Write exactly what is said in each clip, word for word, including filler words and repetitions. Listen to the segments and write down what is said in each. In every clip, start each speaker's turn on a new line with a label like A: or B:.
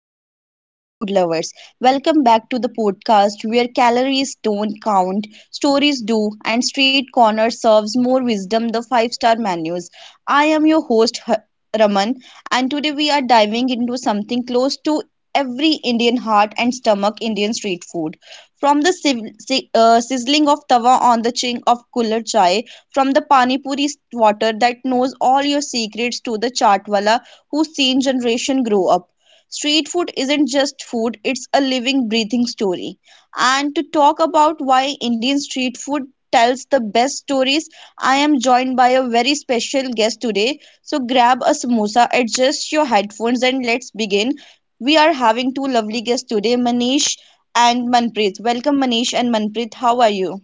A: my beautiful food lovers. Welcome back to the podcast where calories don't count, stories do, and street corner serves more wisdom the five star menus. I am your host, H- Raman, and today we are diving into something close to every Indian heart and stomach Indian street food. From the siv- si- uh, sizzling of tawa on the ching of cooler chai, from the pani puri water that knows all your secrets to the chaat wala who's seen generation grow up. Street food isn't just food, it's a living, breathing story. And to talk about why Indian street food tells the best stories, I am joined by a very special guest today. So grab a samosa, adjust your headphones, and let's begin. We are having two lovely guests today, Manish and Manpreet. Welcome, Manish and Manpreet. How are you?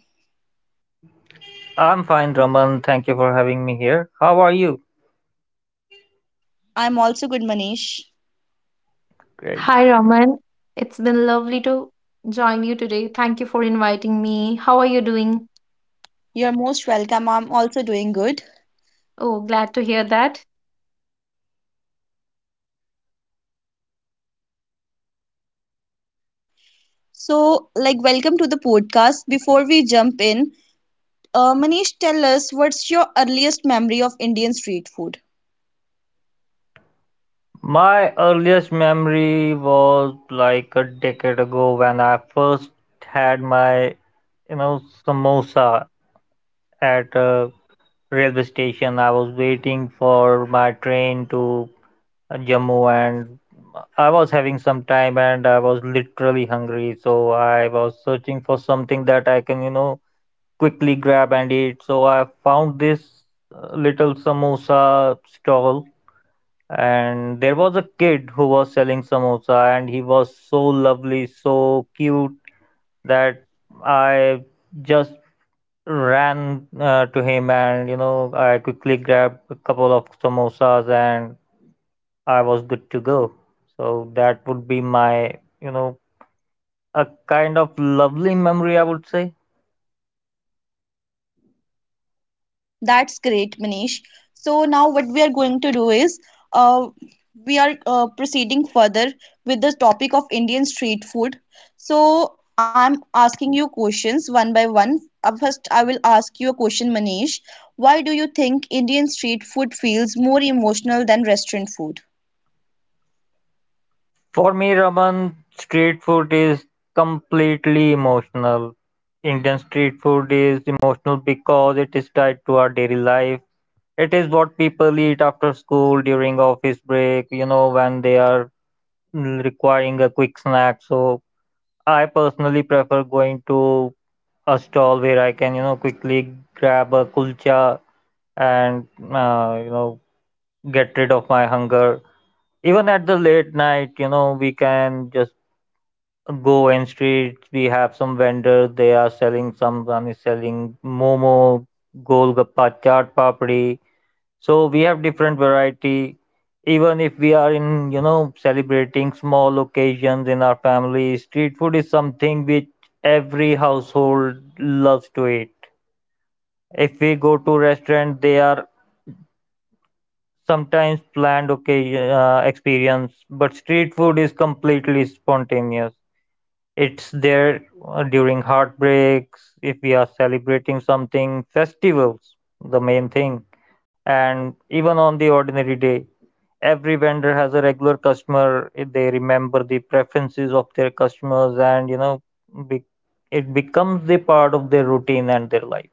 B: I'm fine, Raman. Thank you for having me here. How are you?
A: I'm also good, Manish.
B: Great.
C: Hi, Raman. It's been lovely to join you today. Thank you for inviting me. How are you doing?
A: You're most welcome. I'm also doing good.
C: Oh, glad to hear that.
A: So, like, welcome to the podcast. Before we jump in, uh, Manish, tell us what's your earliest memory of Indian street food?
B: My earliest memory was like a decade ago when I first had my, you know, samosa at a railway station. I was waiting for my train to Jammu, and I was having some time and I was literally hungry. So I was searching for something that I can, you know, quickly grab and eat. So I found this uh, little samosa stall, and there was a kid who was selling samosa, and he was so lovely, so cute that I just ran uh, to him, and you know, I quickly grabbed a couple of samosas, and I was good to go. So that would be my, you know, a kind of lovely memory, I would say.
A: That's great, Manish. So, now what we are going to do is uh, we are uh, proceeding further with the topic of Indian street food. So, I'm asking you questions one by one. Uh, First, I will ask you a question, Manish. Why do you think Indian street food feels more emotional than restaurant food?
B: For me, Raman, street food is completely emotional. Indian street food is emotional because it is tied to our daily life. It is what people eat after school, during office break, you know, when they are mm, requiring a quick snack. So I personally prefer going to a stall where I can, you know, quickly grab a kulcha and uh, you know get rid of my hunger even at the late night you know we can just go in street. We have some vendors, they are selling, someone is selling momo, golgappa, chaat papdi, so we have different variety. Even if we are in you know celebrating small occasions in our family, street food is something which every household loves to eat. If we go to restaurant, they are sometimes planned occasion uh, experience, but street food is completely spontaneous. It's there uh, during heartbreaks, if we are celebrating something, festivals, the main thing, and even on the ordinary day. Every vendor has a regular customer. eh, They remember the preferences of their customers, and you know, be, it becomes the part of their routine and their life.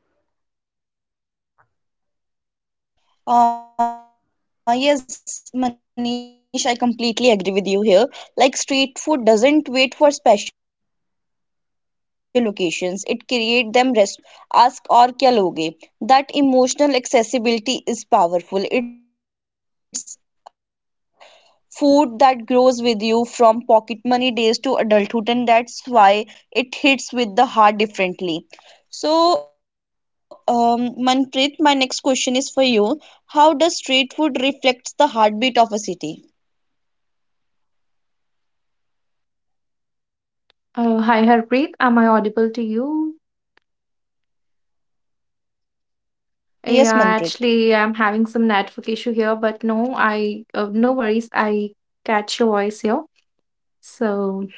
A: Uh, yes, Manish, I completely agree with you here. Like street food doesn't wait for special occasions. It create them restaurant ask for a reservation. But if we talk about a street food, ask और क्या लोगे? That emotional accessibility is powerful. It's food that grows with you from pocket money days to adulthood, and that's why it hits with the heart differently. So, um, Manpreet, my next question is for you. How does street food reflects the heartbeat of a city?
C: Oh, hi, Harpreet. Am I audible to you? Yeah,
A: Yes, Manpreet.
C: actually, I'm having some network issue here, but no, I uh, no worries. I catch your voice here. So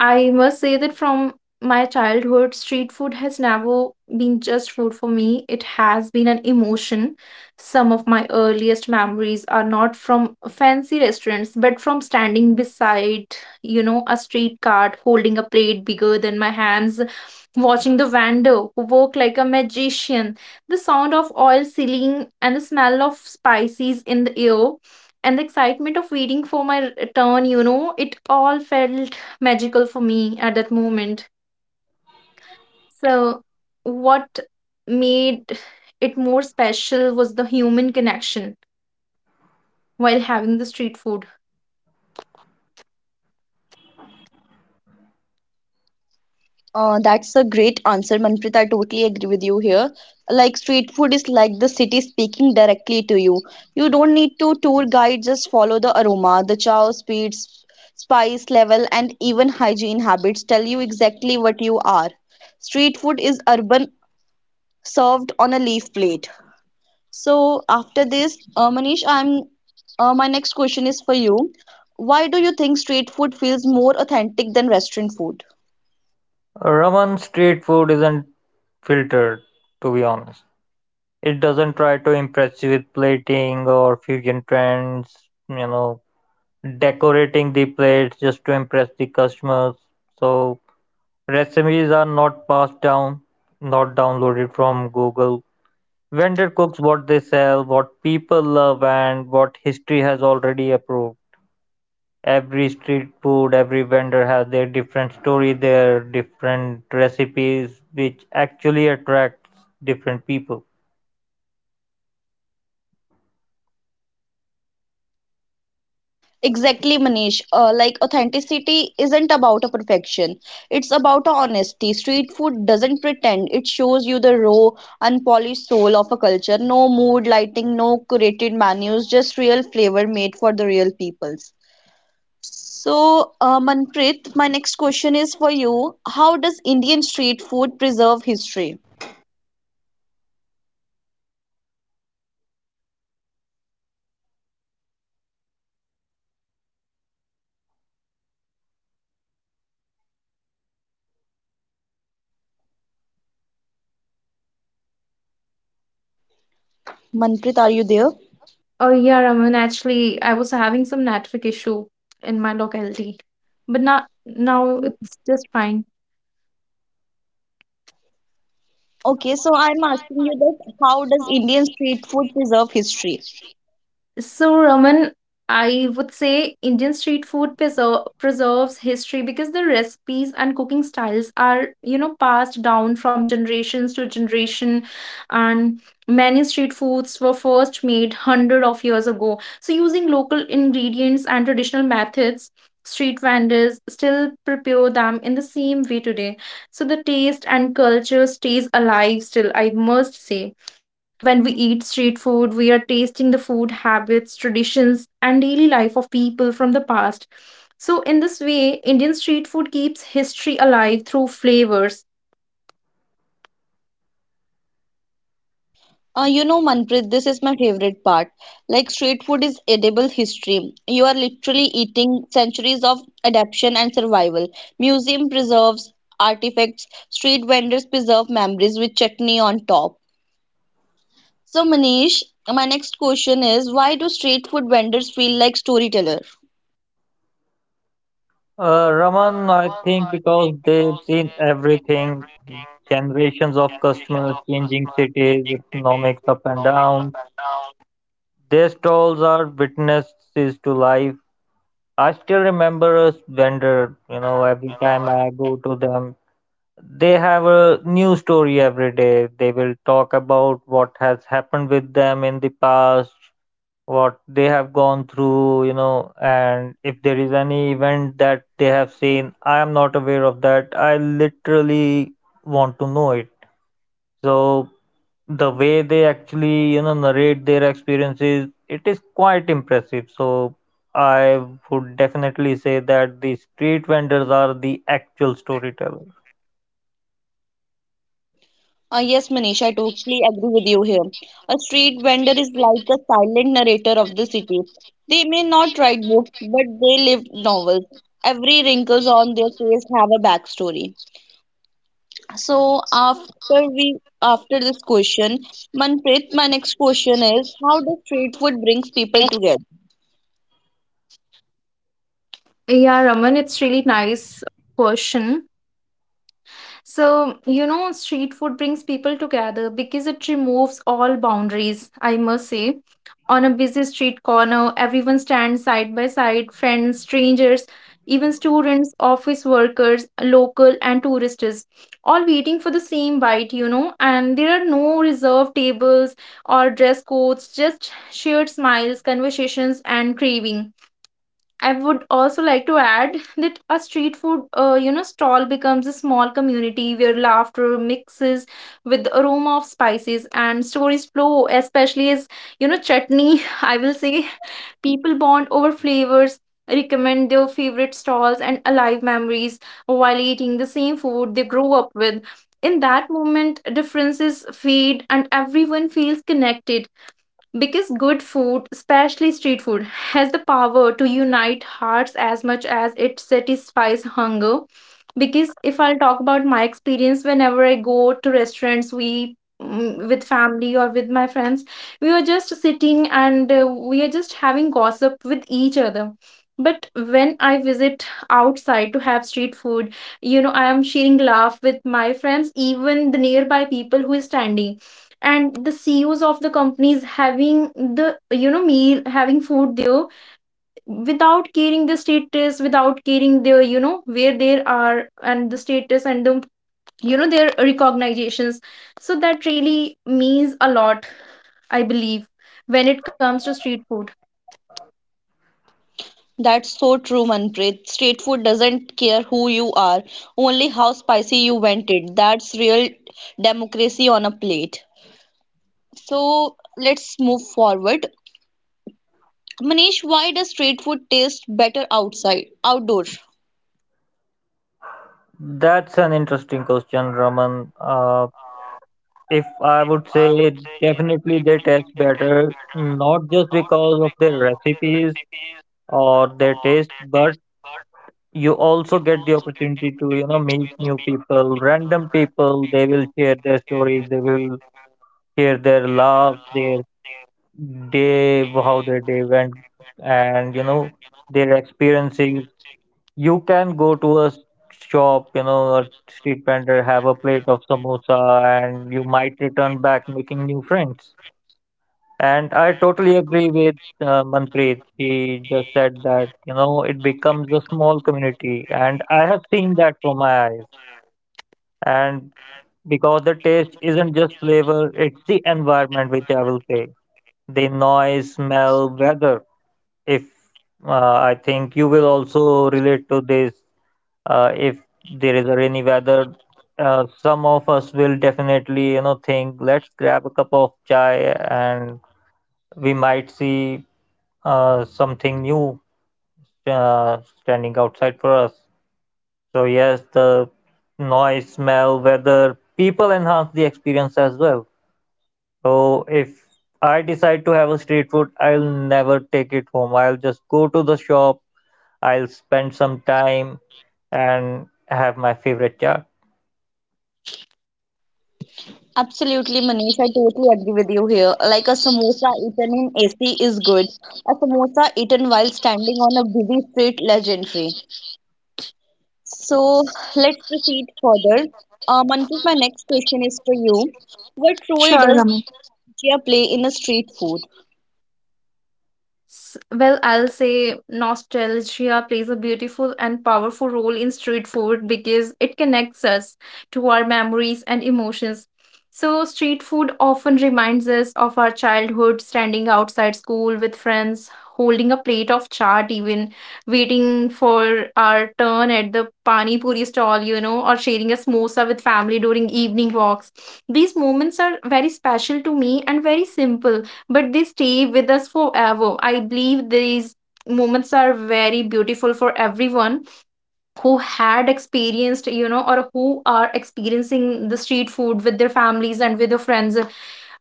C: I must say that from my childhood, street food has never been just food for me. It has been an emotion. Some of my earliest memories are not from fancy restaurants, but from standing beside, you know, a street cart holding a plate bigger than my hands, watching the vendor who worked like a magician, the sound of oil sealing and the smell of spices in the air, and the excitement of waiting for my return. You know, it all felt magical for me at that moment. So, what made it more special was the human connection while having the street food.
A: Uh, that's a great answer, Manpreet. I totally agree with you here. Like street food is like the city speaking directly to you. You don't need to tour guide, just follow the aroma, the chow speeds, spice level, and even hygiene habits tell you exactly what you are. Street food is urban, served on a leaf plate. So after this, uh, Manish, I'm uh, my next question is for you. Why do you think street food feels more authentic than restaurant food?
B: Raman, street food isn't filtered, to be honest. It doesn't try to impress you with plating or fusion trends, you know, decorating the plates just to impress the customers. So recipes are not passed down, not downloaded from Google. Vendor cooks what they sell, what people love, and what history has already approved. Every street food, every vendor has their different story, their different recipes, which actually attracts different people.
A: Exactly, Manish. Uh, like authenticity isn't about a perfection. It's about a honesty. Street food doesn't pretend. It shows you the raw, unpolished soul of a culture. No mood lighting, no curated menus, just real flavor made for the real peoples. So, uh, Manpreet, my next question is for you. How does Indian street food preserve history? Manpreet, are you there?
C: Oh, yeah, Raman, actually, I was having some network issue in my locality, but now, now it's just fine.
A: Okay, so I'm asking you that how does Indian street food preserve history?
C: So, Raman, I would say Indian street food preser- preserves history because the recipes and cooking styles are, you know, passed down from generations to generation, and many street foods were first made hundred of years ago. So, using local ingredients and traditional methods, street vendors still prepare them in the same way today. So, the taste and culture stays alive still, I must say. When we eat street food, we are tasting the food habits, traditions, and daily life of people from the past. So, in this way, Indian street food keeps history alive through flavors.
A: Uh, you know, Manpreet, this is my favorite part. Like, street food is edible history. You are literally eating centuries of adaptation and survival. Museum preserves artifacts, street vendors preserve memories with chutney on top. So, Manish, my next question is why do street food vendors feel like storytellers?
B: Uh, Raman, I think because they've seen everything, generations of customers, changing cities, economics up and downs. Their stalls are witnesses to life. I still remember a vendor, you know, every time I go to them, they have a new story every day. They will talk about what has happened with them in the past, what they have gone through, you know, and if there is any event that they have seen, I am not aware of that. I literally want to know it. So the way they actually, you know, narrate their experiences, it is quite impressive. So I would definitely say that the street vendors are the actual storytellers.
A: Uh, yes, Manish, I totally agree with you here. A street vendor is like a silent narrator of the city. They may not write books, but they live novels. Every wrinkles on their face have a backstory. So after we after this question, Manpreet, my next question is how does street food brings people together?
C: Yeah, Raman, it's really nice question. So, you know, street food brings people together because it removes all boundaries, I must say. On a busy street corner, everyone stands side by side, friends, strangers, even students, office workers, local and tourists, all waiting for the same bite, you know. And there are no reserved tables or dress codes, just shared smiles, conversations, and craving. I would also like to add that a street food, uh, you know, stall becomes a small community where laughter mixes with the aroma of spices and stories flow, especially as, you know, chutney. I will say people bond over flavors, recommend their favorite stalls and alive memories while eating the same food they grew up with. In that moment, differences fade and everyone feels connected because good food, especially street food, has the power to unite hearts as much as it satisfies hunger. Because if I'll talk about my experience, whenever I go to restaurants, we mm, with family or with my friends, we are just sitting and uh, we are just having gossip with each other. But when I visit outside to have street food, you know, I am sharing laugh with my friends, even the nearby people who is standing and the C E Os of the companies having the, you know, meal, having food there without caring the status, without caring their, you know, where they are and the status and the, you know, their recognitions, so that really means a lot, I believe, when it comes to street food.
A: That's so true, Manpreet. Street food doesn't care who you are, only how spicy you want it. That's real democracy on a plate. So let's move forward. Manish, why does street food taste better outside, outdoor?
B: That's an interesting question, Raman. Uh, If I would say, definitely they taste better, not just because of their recipes or their taste, but you also get the opportunity to, you know, meet new people, random people. They will share their stories, they will share their love, their day, how their day went, and, you know, their experiences. You can go to a shop, you know, a street vendor, have a plate of samosa, and you might return back making new friends. And I totally agree with uh, Manpreet. He just said that, you know, it becomes a small community. And I have seen that from my eyes. And because the taste isn't just flavor, it's the environment, which I will say. The noise, smell, weather. If uh, I think you will also relate to this, uh, if there is a rainy weather, uh, some of us will definitely, you know, think, let's grab a cup of chai, and we might see uh, something new uh, standing outside for us. So yes, the noise, smell, weather, people enhance the experience as well. So if I decide to have a street food, I'll never take it home. I'll just go to the shop. I'll spend some time and have my favorite chat.
A: Absolutely, Manish. I totally agree with you here. Like a samosa eaten in A C is good. A samosa eaten while standing on a busy street, legendary. So let's proceed further. Um, Manpreet, my next question is for you. What role
C: Sure,
A: does
C: Ramit.
A: media play in a street food?
C: S- Well, I'll say nostalgia plays a beautiful and powerful role in street food because it connects us to our memories and emotions. So, street food often reminds us of our childhood, standing outside school with friends, holding a plate of chaat, even waiting for our turn at the pani puri stall, you know, or sharing a samosa with family during evening walks. These moments are very special to me and very simple, but they stay with us forever. I believe these moments are very beautiful for everyone who had experienced, you know, or who are experiencing the street food with their families and with their friends.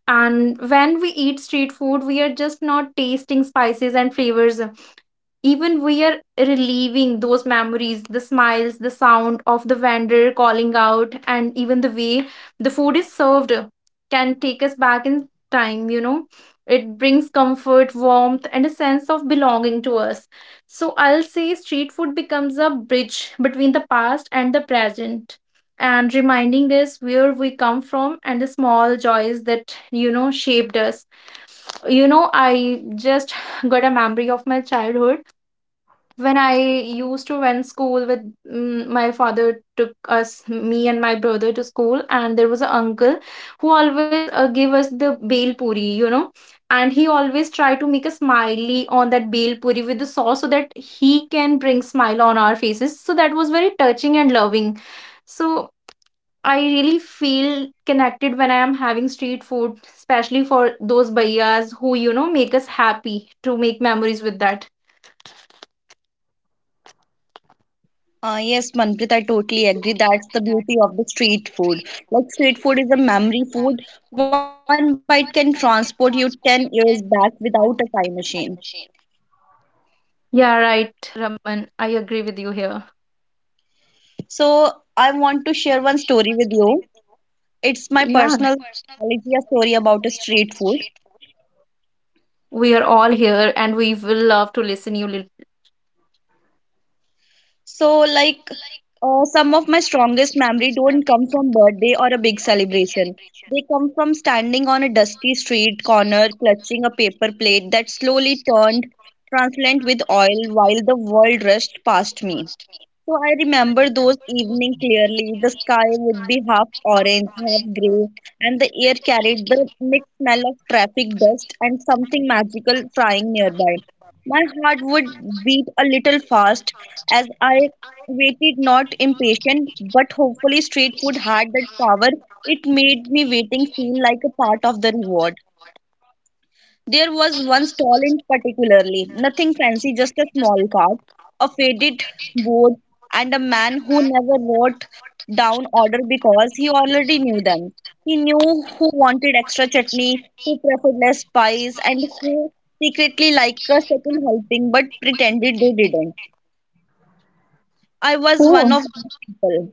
C: And when we eat street food, we are just not tasting spices and flavors. Even we are reliving those memories, the smiles, the sound of the vendor calling out, and even the way the food is served can take us back in time, you know. It brings comfort, warmth, and a sense of belonging to us. So I'll say street food becomes a bridge between the past and the present, and reminding us where we come from and the small joys that, you know, shaped us. You know, I just got a memory of my childhood when I used to went school with mm, my father. Took us, me and my brother, to school, and there was an uncle who always uh, gave us the bel puri, you know, and he always tried to make a smiley on that bel puri with the sauce so that he can bring smile on our faces. So that was very touching and loving. So I really feel connected when I am having street food, especially for those bhaiyas who, you know, make us happy to make memories with that.
A: Uh, yes, Manpreet, I totally agree. That's the beauty of the street food. Like street food is a memory food. One bite can transport you ten years back without a time machine.
C: Yeah, right, Raman. I agree with you here.
A: So I want to share one story with you. It's my
C: Yeah.
A: personal nostalgia story about a street food.
C: We are all here and we will love to listen you. lit-
A: So, like, uh, some of my strongest memory don't come from birthday or a big celebration. They come from standing on a dusty street corner, clutching a paper plate that slowly turned translucent with oil while the world rushed past me. So I remember those evening clearly. The sky would be half orange, half gray, and the air carried the mixed smell of traffic dust and something magical frying nearby. My heart would beat a little fast as I waited, not impatient, but hopefully street food had that power. It made me waiting feel like a part of the reward. There was one stall in particularly, nothing fancy, just a small cart, a faded board, and a man who never wrote down order because he already knew them. He knew who wanted extra chutney, who preferred less spice, and who secretly liked a second helping but pretended they didn't. I was one
C: Oh.
A: of those people.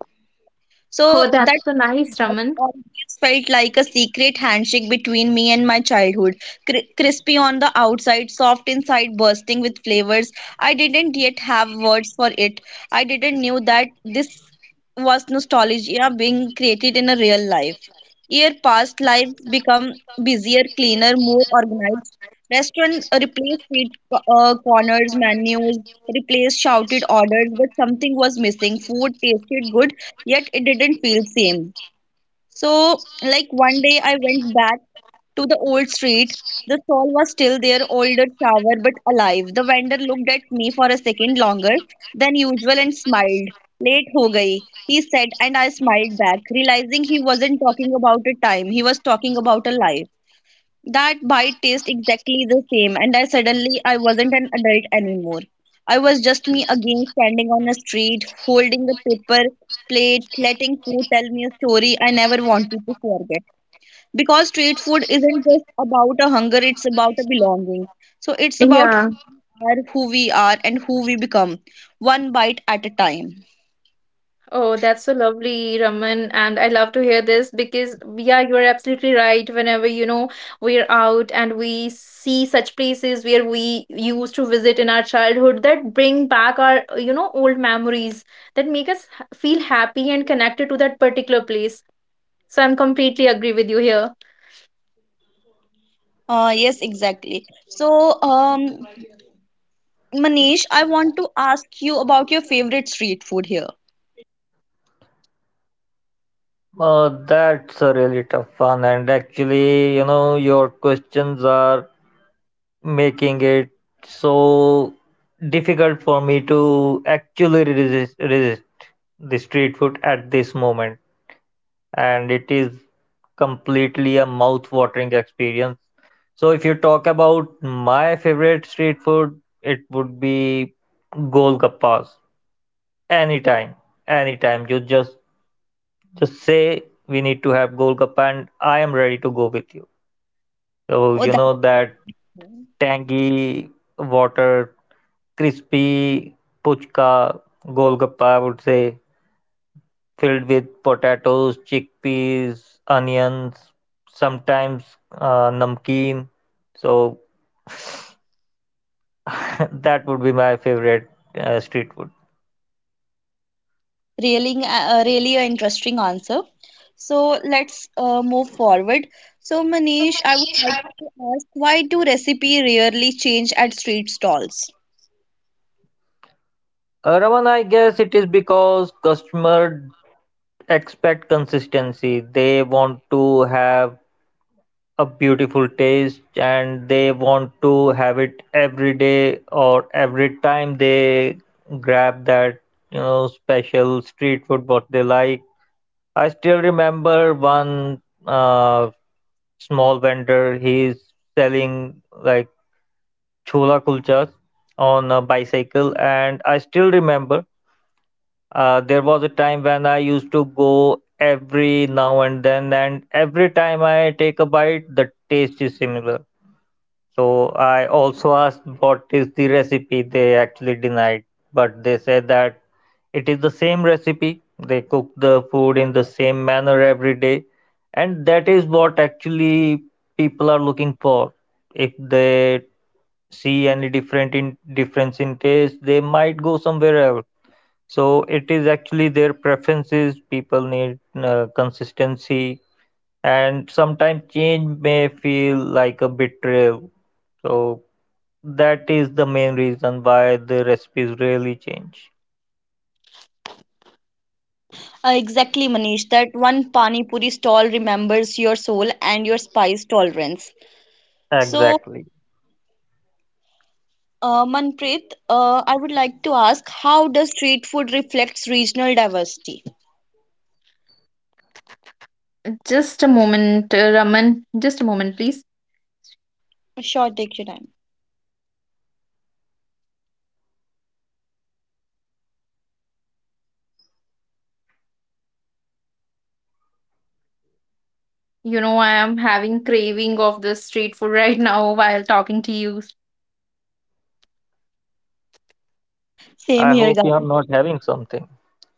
A: So
C: Oh,
A: that
C: that's so nice,
A: that
C: Raman.
A: always felt like a secret handshake between me and my childhood. Cri- crispy on the outside, soft inside, bursting with flavors. I didn't yet have words for it. I didn't know that this was nostalgia being created in a real life. Year past, life become busier, cleaner, more organized. Restaurant replaced street uh, corners, menus replaced shouted orders, but something was missing. Food tasted good, yet it didn't feel same. So, like one day I went back to the old street. The stall was still there, older, sour, but alive. The vendor looked at me for a second longer than usual and smiled. Late ho gayi, he said, and I smiled back, realizing he wasn't talking about a time, he was talking about a life. That bite tastes exactly the same, and I suddenly I wasn't an adult anymore. I was just me again, standing on a street, holding a paper plate, letting food tell me a story I never wanted to forget. Because street food isn't just about a hunger; it's about a belonging. So it's about who
C: Yeah.
A: we are, who we are, and who we become, one bite at a time.
C: Oh, that's so lovely, Raman. And I love to hear this because, yeah, you're absolutely right. Whenever, you know, we're out and we see such places where we used to visit in our childhood that bring back our, you know, old memories that make us h- feel happy and connected to that particular place. So I'm completely agree with you here.
A: Uh, yes, exactly. So, um, Manish, I want to ask you about your favorite street food here.
B: Uh, that's a really tough one, and actually, you know, your questions are making it so difficult for me to actually resist, resist the street food at this moment. And it is completely a mouth-watering experience. So if you talk about my favorite street food, it would be golgappas. Anytime, anytime. You just just say we need to have golgappa, and I am ready to go with you. So
A: Oh,
B: you
A: that.
B: know that tangy water, crispy puchka, golgappa, I would say, filled with potatoes, chickpeas, onions, sometimes uh, namkeen. So that would be my favorite uh, street food.
A: Really, uh, really an interesting answer. So let's uh, move forward. So Manish, I would like to ask, why do recipe rarely change at street stalls?
B: Uh, Raman, I guess it is because customer expect consistency. They want to have a beautiful taste, and they want to have it every day or every time they grab that you know special street food what they like. I still remember one uh, small vendor, he's selling like chola kulchas on a bicycle. And I still remember uh, there was a time when I used to go every now and then, and every time I take a bite the taste is similar. So I also asked what is the recipe. They actually denied, but they said that it is the same recipe. They cook the food in the same manner every day, and that is what actually people are looking for. If they see any different in difference in taste, they might go somewhere else. So it is actually their preferences. People need uh, consistency, and sometimes change may feel like a betrayal. So that is the main reason why the recipes really change.
A: Uh, exactly, Manish. That one pani puri stall remembers your soul and your spice tolerance. So,
B: Exactly.
A: uh, Manpreet, uh, I would like to ask, how does street food reflects regional diversity?
C: Just a moment, uh, Raman. Just a moment, please.
A: Sure, take your time.
C: You know, I am having craving of this street food right now while talking to you.
A: Same
B: I
A: here,
B: hope you are
A: guys.
B: not having something.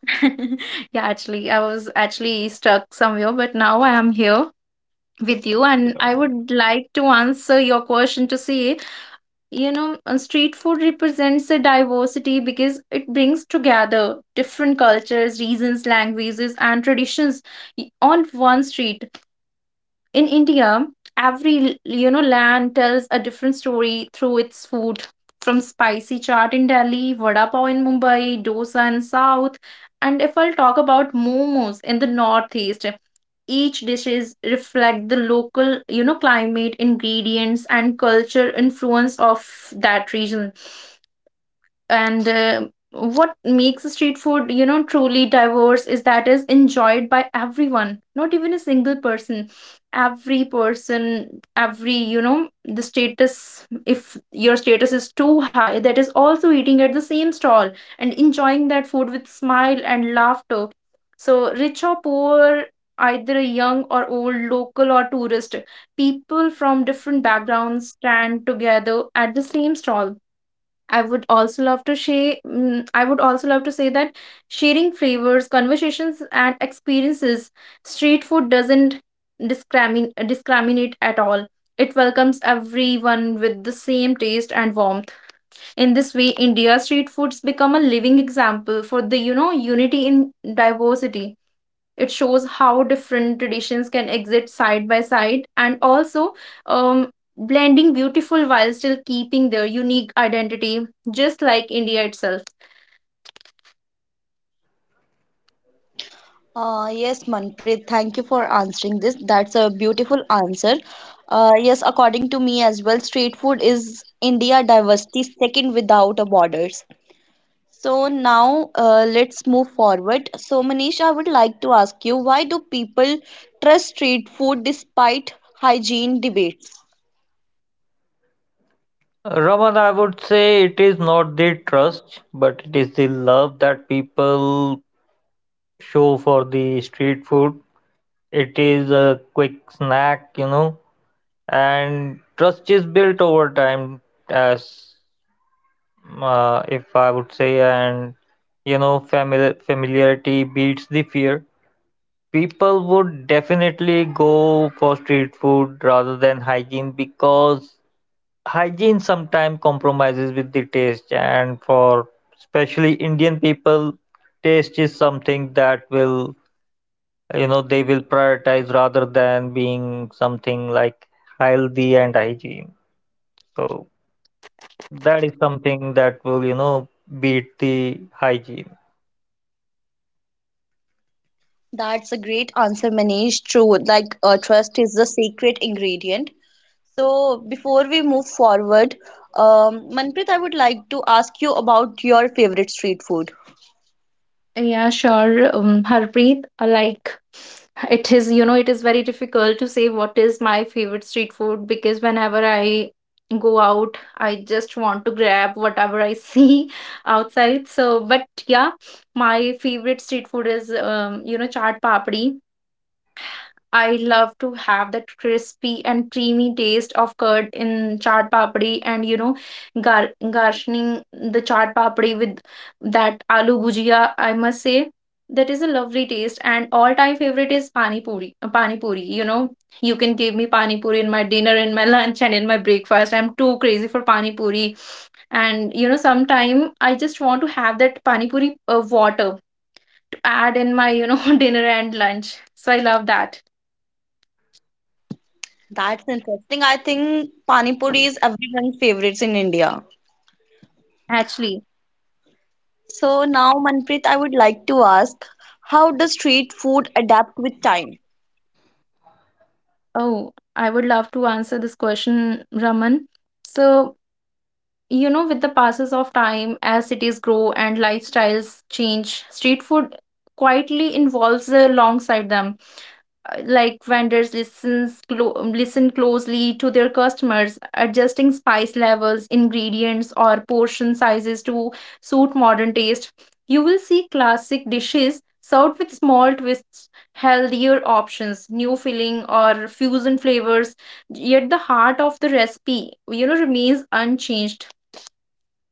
C: Yeah, actually, I was actually stuck somewhere, but now I am here with you, and
B: Yeah.
C: I would like to answer your question to say, you know, uh, street food represents a diversity because it brings together different cultures, regions, languages, and traditions y- on one street. In India, every, you know, land tells a different story through its food. From spicy chaat in Delhi, vada pav in Mumbai, dosa in South, and if I'll talk about momos in the Northeast, each dishes reflect the local, you know, climate, ingredients, and culture influence of that region. And uh, what makes street food, you know, truly diverse is that is enjoyed by everyone. Not even a single person, every person, every, you know, the status, if your status is too high, that is also eating at the same stall and enjoying that food with smile and laughter. So rich or poor, either a young or old, local or tourist, people from different backgrounds stand together at the same stall. I would also love to share. mm, I would also love to say that sharing flavors, conversations, and experiences, street food doesn't discrimin- discriminate at all. It welcomes everyone with the same taste and warmth. In this way, India street foods become a living example for the, you know, unity in diversity. It shows how different traditions can exist side by side and also um, blending beautiful while still keeping their unique identity, just like India itself.
A: Uh, yes, Manpreet, thank you for answering this. That's a beautiful answer. Uh, yes, according to me as well, street food is India diversity second without a borders. So now uh, let's move forward. So Manish, I would like to ask you, why do people trust street food despite hygiene debates?
B: Raman, I would say it is not the trust, but it is the love that people show for the street food. It is a quick snack, you know, and trust is built over time as, uh, if I would say, and you know, famili familiarity beats the fear. People would definitely go for street food rather than hygiene, because hygiene sometimes compromises with the taste, and for especially Indian people, taste is something that will, you know, they will prioritize rather than being something like healthy and hygiene. So that is something that will, you know, beat the hygiene.
A: That's a great answer, Manish. True, like uh, trust is the secret ingredient. So, before we move forward, um, Manpreet, I would like to ask you about your favorite street food.
C: Yeah, sure, um, Harpreet. uh, Like, it is, you know, it is very difficult to say what is my favorite street food because whenever I go out, I just want to grab whatever I see outside. So, but yeah, my favorite street food is, um, you know, chaat papdi. I love to have that crispy and creamy taste of curd in chaat papdi, and you know, gar- garnishing the chaat papdi with that aloo bhujia. I must say that is a lovely taste, and all time favorite is pani puri. uh, Pani puri, you know, you can give me pani puri in my dinner, in my lunch and in my breakfast. I'm too crazy for pani puri, and you know, sometime I just want to have that pani puri uh, water to add in my, you know, dinner and lunch. So I love that.
A: That's interesting. I think Pani Puri is everyone's favorites in India.
C: Actually.
A: So now, Manpreet, I would like to ask, how does street food adapt with time?
C: Oh, I would love to answer this question, Raman. So, you know, with the passes of time, as cities grow and lifestyles change, street food quietly involves uh, alongside them. Uh, like, vendors listens clo- listen closely to their customers, adjusting spice levels, ingredients, or portion sizes to suit modern taste. You will see classic dishes served with small twists, healthier options, new filling or fusion flavors, yet the heart of the recipe, you know, remains unchanged.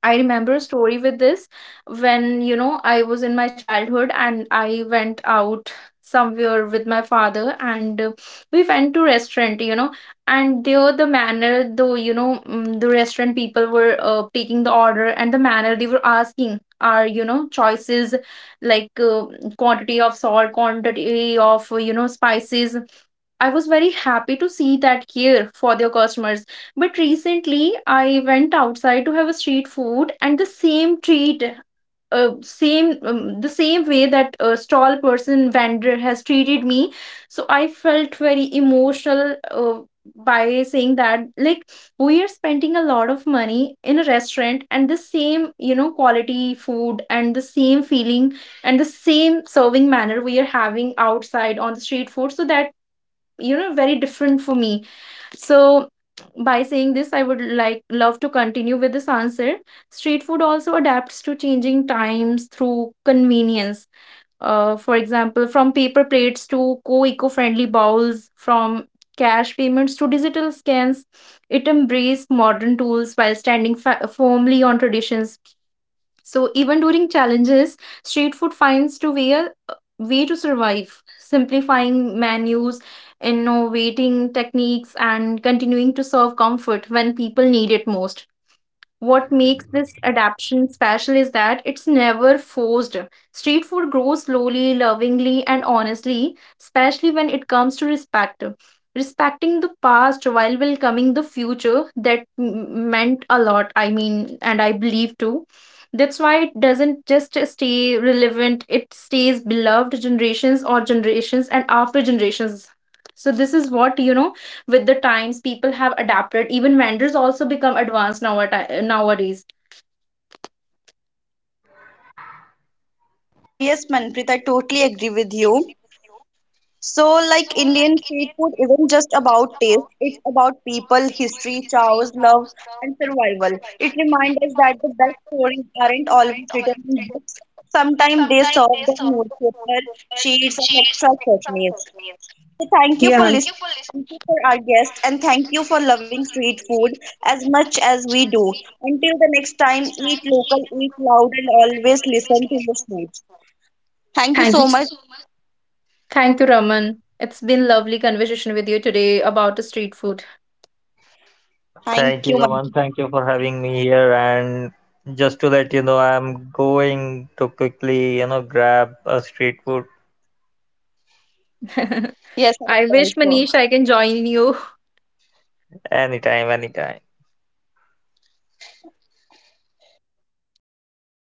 C: I remember a story with this. When, you know, I was in my childhood and I went out somewhere with my father, and uh, we went to restaurant, you know, and there the manner though, you know, mm, the restaurant people were uh, taking the order and the manner they were asking our, you know, choices like uh, quantity of salt, quantity of, uh, you know, spices. I was very happy to see that care for their customers. But recently, I went outside to have a street food, and the same treat, uh, same um, the same way that a stall person vendor has treated me. So I felt very emotional, uh, by saying that, like, we are spending a lot of money in a restaurant, and the same, you know, quality food and the same feeling and the same serving manner we are having outside on the street food. So that, you know, very different for me. So by saying this, I would like love to continue with this answer. Street food also adapts to changing times through convenience. Uh, for example, from paper plates to co-eco-friendly bowls, from cash payments to digital scans, it embraces modern tools while standing fa- firmly on traditions. So even during challenges, street food finds to way a a way to survive, simplifying menus, innovating techniques, and continuing to serve comfort when people need it most. What makes this adaptation special is that it's never forced. Street food grows slowly, lovingly, and honestly, especially when it comes to respect. Respecting the past while welcoming the future, that m- meant a lot, I mean, and I believe too. That's why it doesn't just stay relevant, it stays beloved generations or generations and after generations. So, this is what, you know, with the times people have adapted, even vendors also become advanced nowati- nowadays.
A: Uh, yes, Manpreet, I totally agree with you. So, like Indian street food isn't just about taste, it's about people, history, chows, love, and survival. It reminds us that the best stories aren't always written in books. Sometimes they serve on newspaper, sheets, and extra chutneys. So, thank you
C: Yeah.
A: for
C: Thank you.
A: listening. Thank you for our guests, and thank you for loving street food as much as we do. Until the next time, eat local, eat loud, and always listen to your food. Thank you so much.
C: Thank you, Raman. It's been lovely conversation with you today about the street food.
B: Thank
A: Thank
B: you,
A: you.
B: Raman.
A: Manju.
B: Thank you for having me here. And just to let you know, I'm going to quickly, you know, grab a street food.
A: Yes, I will
C: I wish,
A: also.
C: Manish, I can join you.
B: Anytime, anytime.
C: Thank you, Raman.